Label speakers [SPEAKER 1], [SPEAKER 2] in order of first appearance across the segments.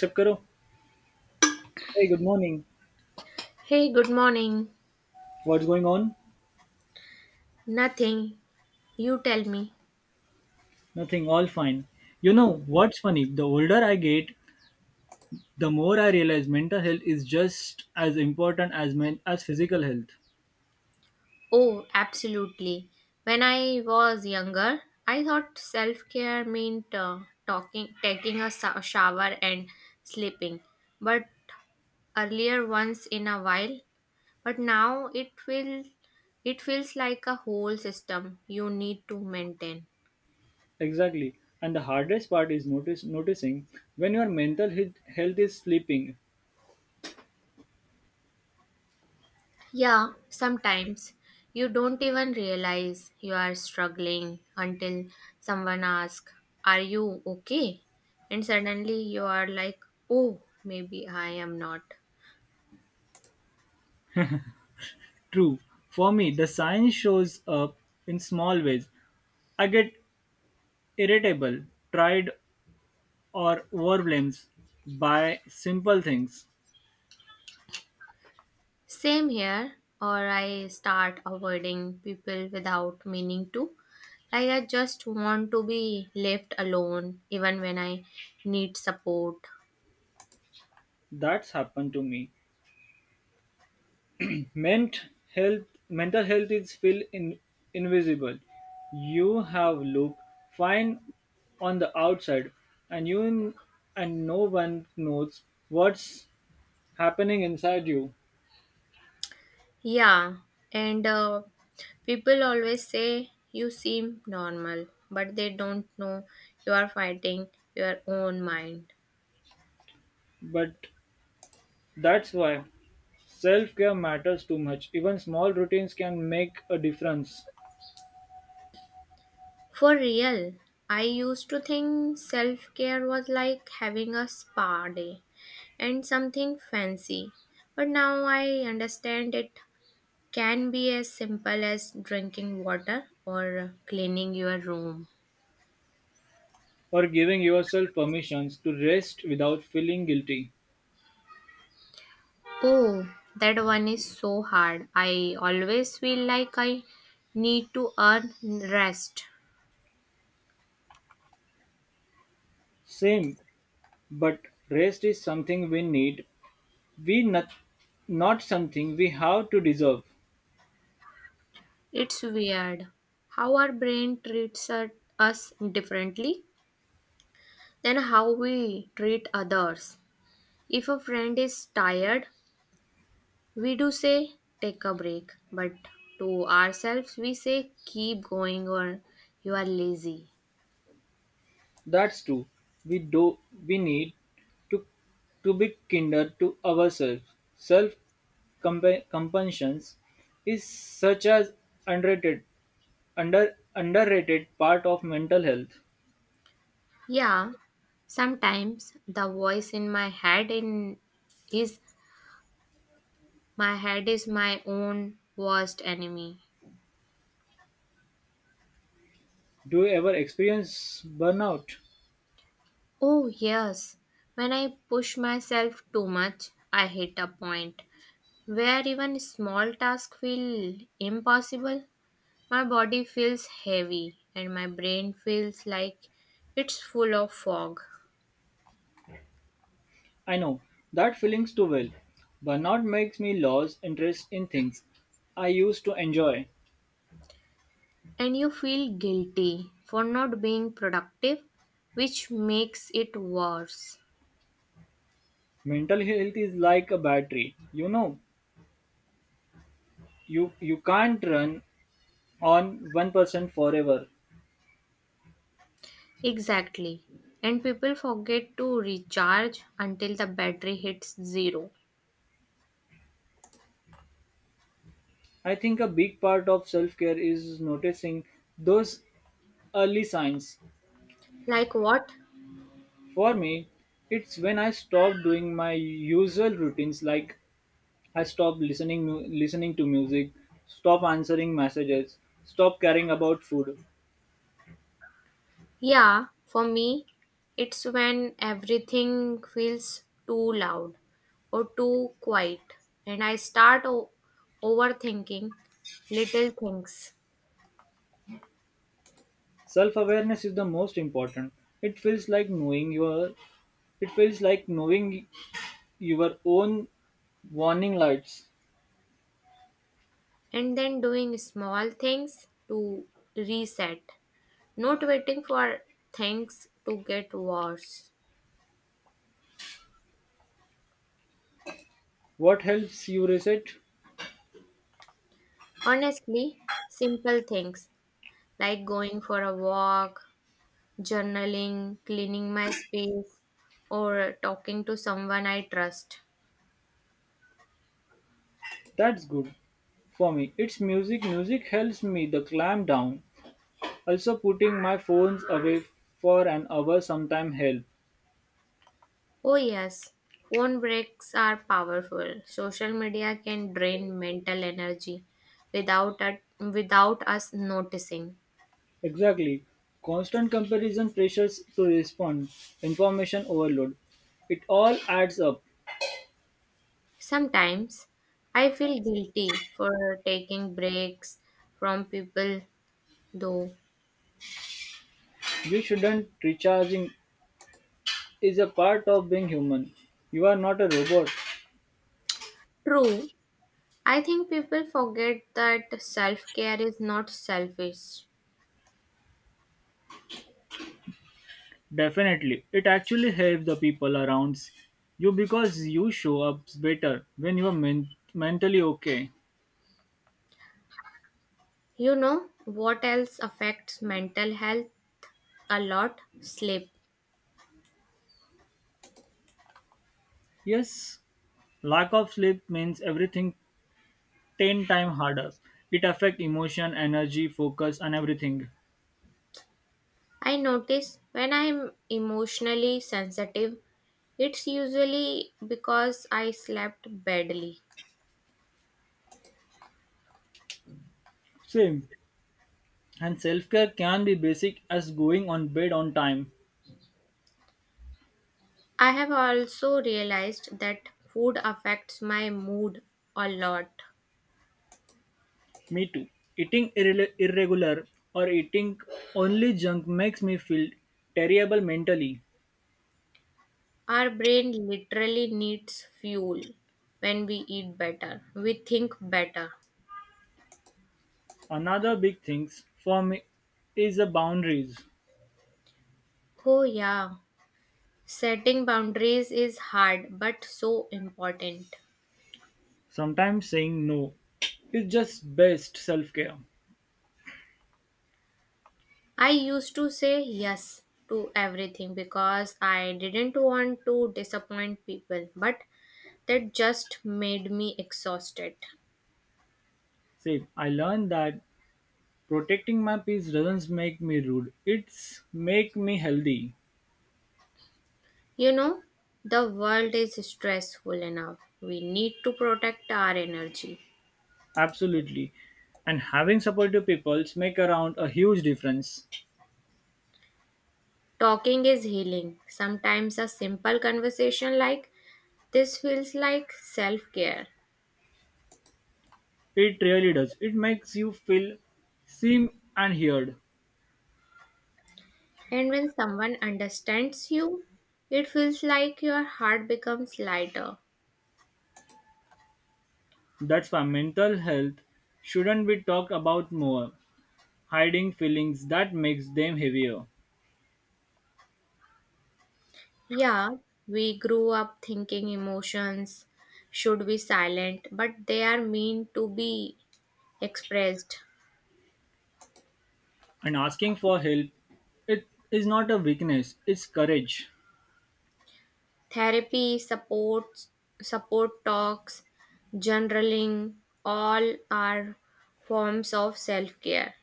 [SPEAKER 1] Accept Karo? Hey, good morning.
[SPEAKER 2] Hey, good morning.
[SPEAKER 1] What's going on?
[SPEAKER 2] Nothing. You tell me.
[SPEAKER 1] Nothing, all fine. You know, what's funny? The older I get, the more I realize mental health is just as important as physical health.
[SPEAKER 2] Oh, absolutely. When I was younger, I thought self care meant talking, taking a shower and sleeping. But earlier, once in a while. But now it will, it feels like a whole system you need to maintain.
[SPEAKER 1] Exactly. And the hardest part is notice noticing when your health is sleeping.
[SPEAKER 2] Yeah, sometimes you don't even realize you are struggling until someone asks, are you okay? And suddenly you are like, oh, maybe I am not.
[SPEAKER 1] True. For me, the sign shows up in small ways. I get irritable, tried or overwhelmed by simple things.
[SPEAKER 2] Same here, or I start avoiding people without meaning to. Like, I just want to be left alone even when I need support.
[SPEAKER 1] That's happened to me. Ment mental health is feel in, invisible. You have look fine on the outside, and you and no one knows what's happening inside you.
[SPEAKER 2] Yeah, and people always say you seem normal, but they don't know you are fighting your own mind.
[SPEAKER 1] But that's why self-care matters too much. Even small routines can make a difference.
[SPEAKER 2] For real, I used to think self care was like having a spa day and something fancy, but now I understand it can be as simple as drinking water or cleaning your room.
[SPEAKER 1] Or giving yourself permissions to rest without feeling guilty.
[SPEAKER 2] Oh, that one is so hard. I always feel like I need to earn rest.
[SPEAKER 1] Same, but rest is something we need We not not something we have to deserve.
[SPEAKER 2] It's weird how our brain treats us differently than how we treat others. If a friend is tired, we do say, take a break. But to ourselves, we say, keep going or you are lazy.
[SPEAKER 1] That's true. We do we need to to be kinder to ourselves. Self compassion is such as underrated underrated part of mental health.
[SPEAKER 2] Yeah, sometimes the voice in my head in is my head is my own worst enemy.
[SPEAKER 1] Do you ever experience burnout?
[SPEAKER 2] Oh, yes. When I push myself too much, I hit a point where even small tasks feel impossible. My body feels heavy and my brain feels like it's full of fog.
[SPEAKER 1] I know that feelings too well. Burnout makes me lose interest in things I used to enjoy.
[SPEAKER 2] And you feel guilty for not being productive, which makes it worse.
[SPEAKER 1] Mental health is like a battery. You know, you can't run on 1% forever.
[SPEAKER 2] Exactly. And people forget to recharge until the battery hits zero.
[SPEAKER 1] I think a big part of self care is noticing those early signs
[SPEAKER 2] Like what?
[SPEAKER 1] for me. It's when I stop doing my usual routines like I stop listening to music, stop answering messages, stop caring about food.
[SPEAKER 2] Yeah, for me, it's when everything feels too loud or too quiet, and I start overthinking little things,
[SPEAKER 1] Self awareness is the most important. It feels like knowing your it feels like knowing your own warning lights.
[SPEAKER 2] and then doing small things to reset, not waiting for things to get worse.
[SPEAKER 1] What helps you reset?
[SPEAKER 2] Honestly, simple things like going for a walk, journaling, cleaning my space, or talking to someone I trust.
[SPEAKER 1] That's good. For me, it's music. Music helps me the climb down. Also, putting my phones away for an hour sometime help.
[SPEAKER 2] Oh, yes, phone breaks are powerful. Social media can drain mental energy without us noticing.
[SPEAKER 1] Exactly. Constant comparison pressures to respond, information overload. It all adds up.
[SPEAKER 2] Sometimes I feel guilty for taking breaks from people, though.
[SPEAKER 1] You shouldn't recharging is a part of being human. You are not a robot.
[SPEAKER 2] True, I think people forget that self care is not selfish.
[SPEAKER 1] Definitely. It actually helps the people around you because you show up better when you are mentally okay.
[SPEAKER 2] You know what else affects mental health a lot? Sleep.
[SPEAKER 1] Yes, lack of sleep means everything ten times harder. It affects emotion, energy, focus, and everything.
[SPEAKER 2] I notice when I'm emotionally sensitive, it's usually because I slept badly.
[SPEAKER 1] Same. And self care can be basic as going on bed on time.
[SPEAKER 2] I have also realized that food affects my mood a lot.
[SPEAKER 1] Me too. Eating irregular or eating only junk makes me feel terrible mentally.
[SPEAKER 2] Our brain literally needs fuel. When we eat better, we think better.
[SPEAKER 1] Another big thing for me is the boundaries.
[SPEAKER 2] Oh, yeah. Setting boundaries is hard but so important.
[SPEAKER 1] Sometimes saying no is just best self care.
[SPEAKER 2] I used to say yes to everything because I didn't want to disappoint people, but that just made me exhausted.
[SPEAKER 1] Same. I learned that protecting my peace doesn't make me rude. It's make me healthy.
[SPEAKER 2] You know, the world is stressful enough. We need to protect our energy.
[SPEAKER 1] Absolutely. And having supportive peoples make around a huge difference.
[SPEAKER 2] Talking is healing. Sometimes a simple conversation like this feels like self care.
[SPEAKER 1] It really does. It makes you feel seen and heard.
[SPEAKER 2] And when someone understands you, it feels like your heart becomes lighter.
[SPEAKER 1] That's why mental health shouldn't be talked about more. Hiding feelings that makes them heavier.
[SPEAKER 2] Yeah, we grew up thinking emotions should be silent, but they are meant to be expressed.
[SPEAKER 1] And asking for help it is not a weakness, it's courage.
[SPEAKER 2] Therapy, supports, support talks, journaling, all are forms of self care.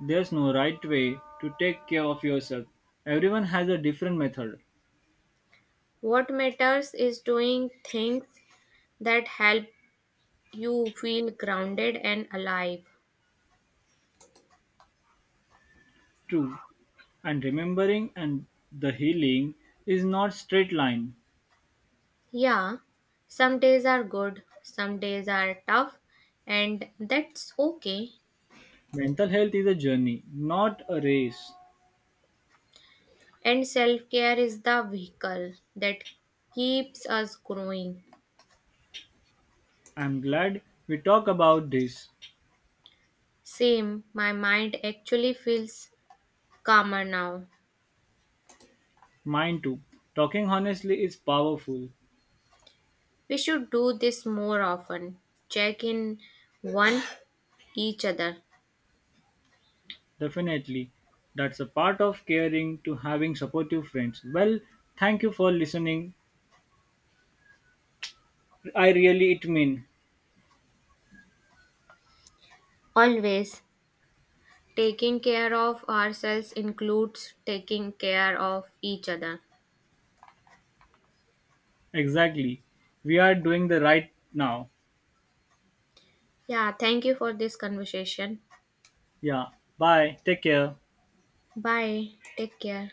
[SPEAKER 1] There's no right way to take care of yourself. Everyone has a different method.
[SPEAKER 2] What matters is doing things that help you feel grounded and alive.
[SPEAKER 1] True, and remembering and the healing is not straight line.
[SPEAKER 2] Yeah, some days are good, some days are tough, and that's okay.
[SPEAKER 1] Mental health is a journey, not a race.
[SPEAKER 2] And self care is the vehicle that keeps us growing.
[SPEAKER 1] I'm glad we talk about this.
[SPEAKER 2] Same, my mind actually feels calmer now.
[SPEAKER 1] Mine too. Talking honestly is powerful.
[SPEAKER 2] We should do this more often. Check in one each other.
[SPEAKER 1] Definitely. That's a part of caring to having supportive friends. Well, thank you for listening. I really it mean.
[SPEAKER 2] Always taking care of ourselves includes taking care of each other.
[SPEAKER 1] Exactly. We are doing the right now.
[SPEAKER 2] Yeah, thank you for this conversation.
[SPEAKER 1] Yeah. Bye. Take care.
[SPEAKER 2] Bye. Take care.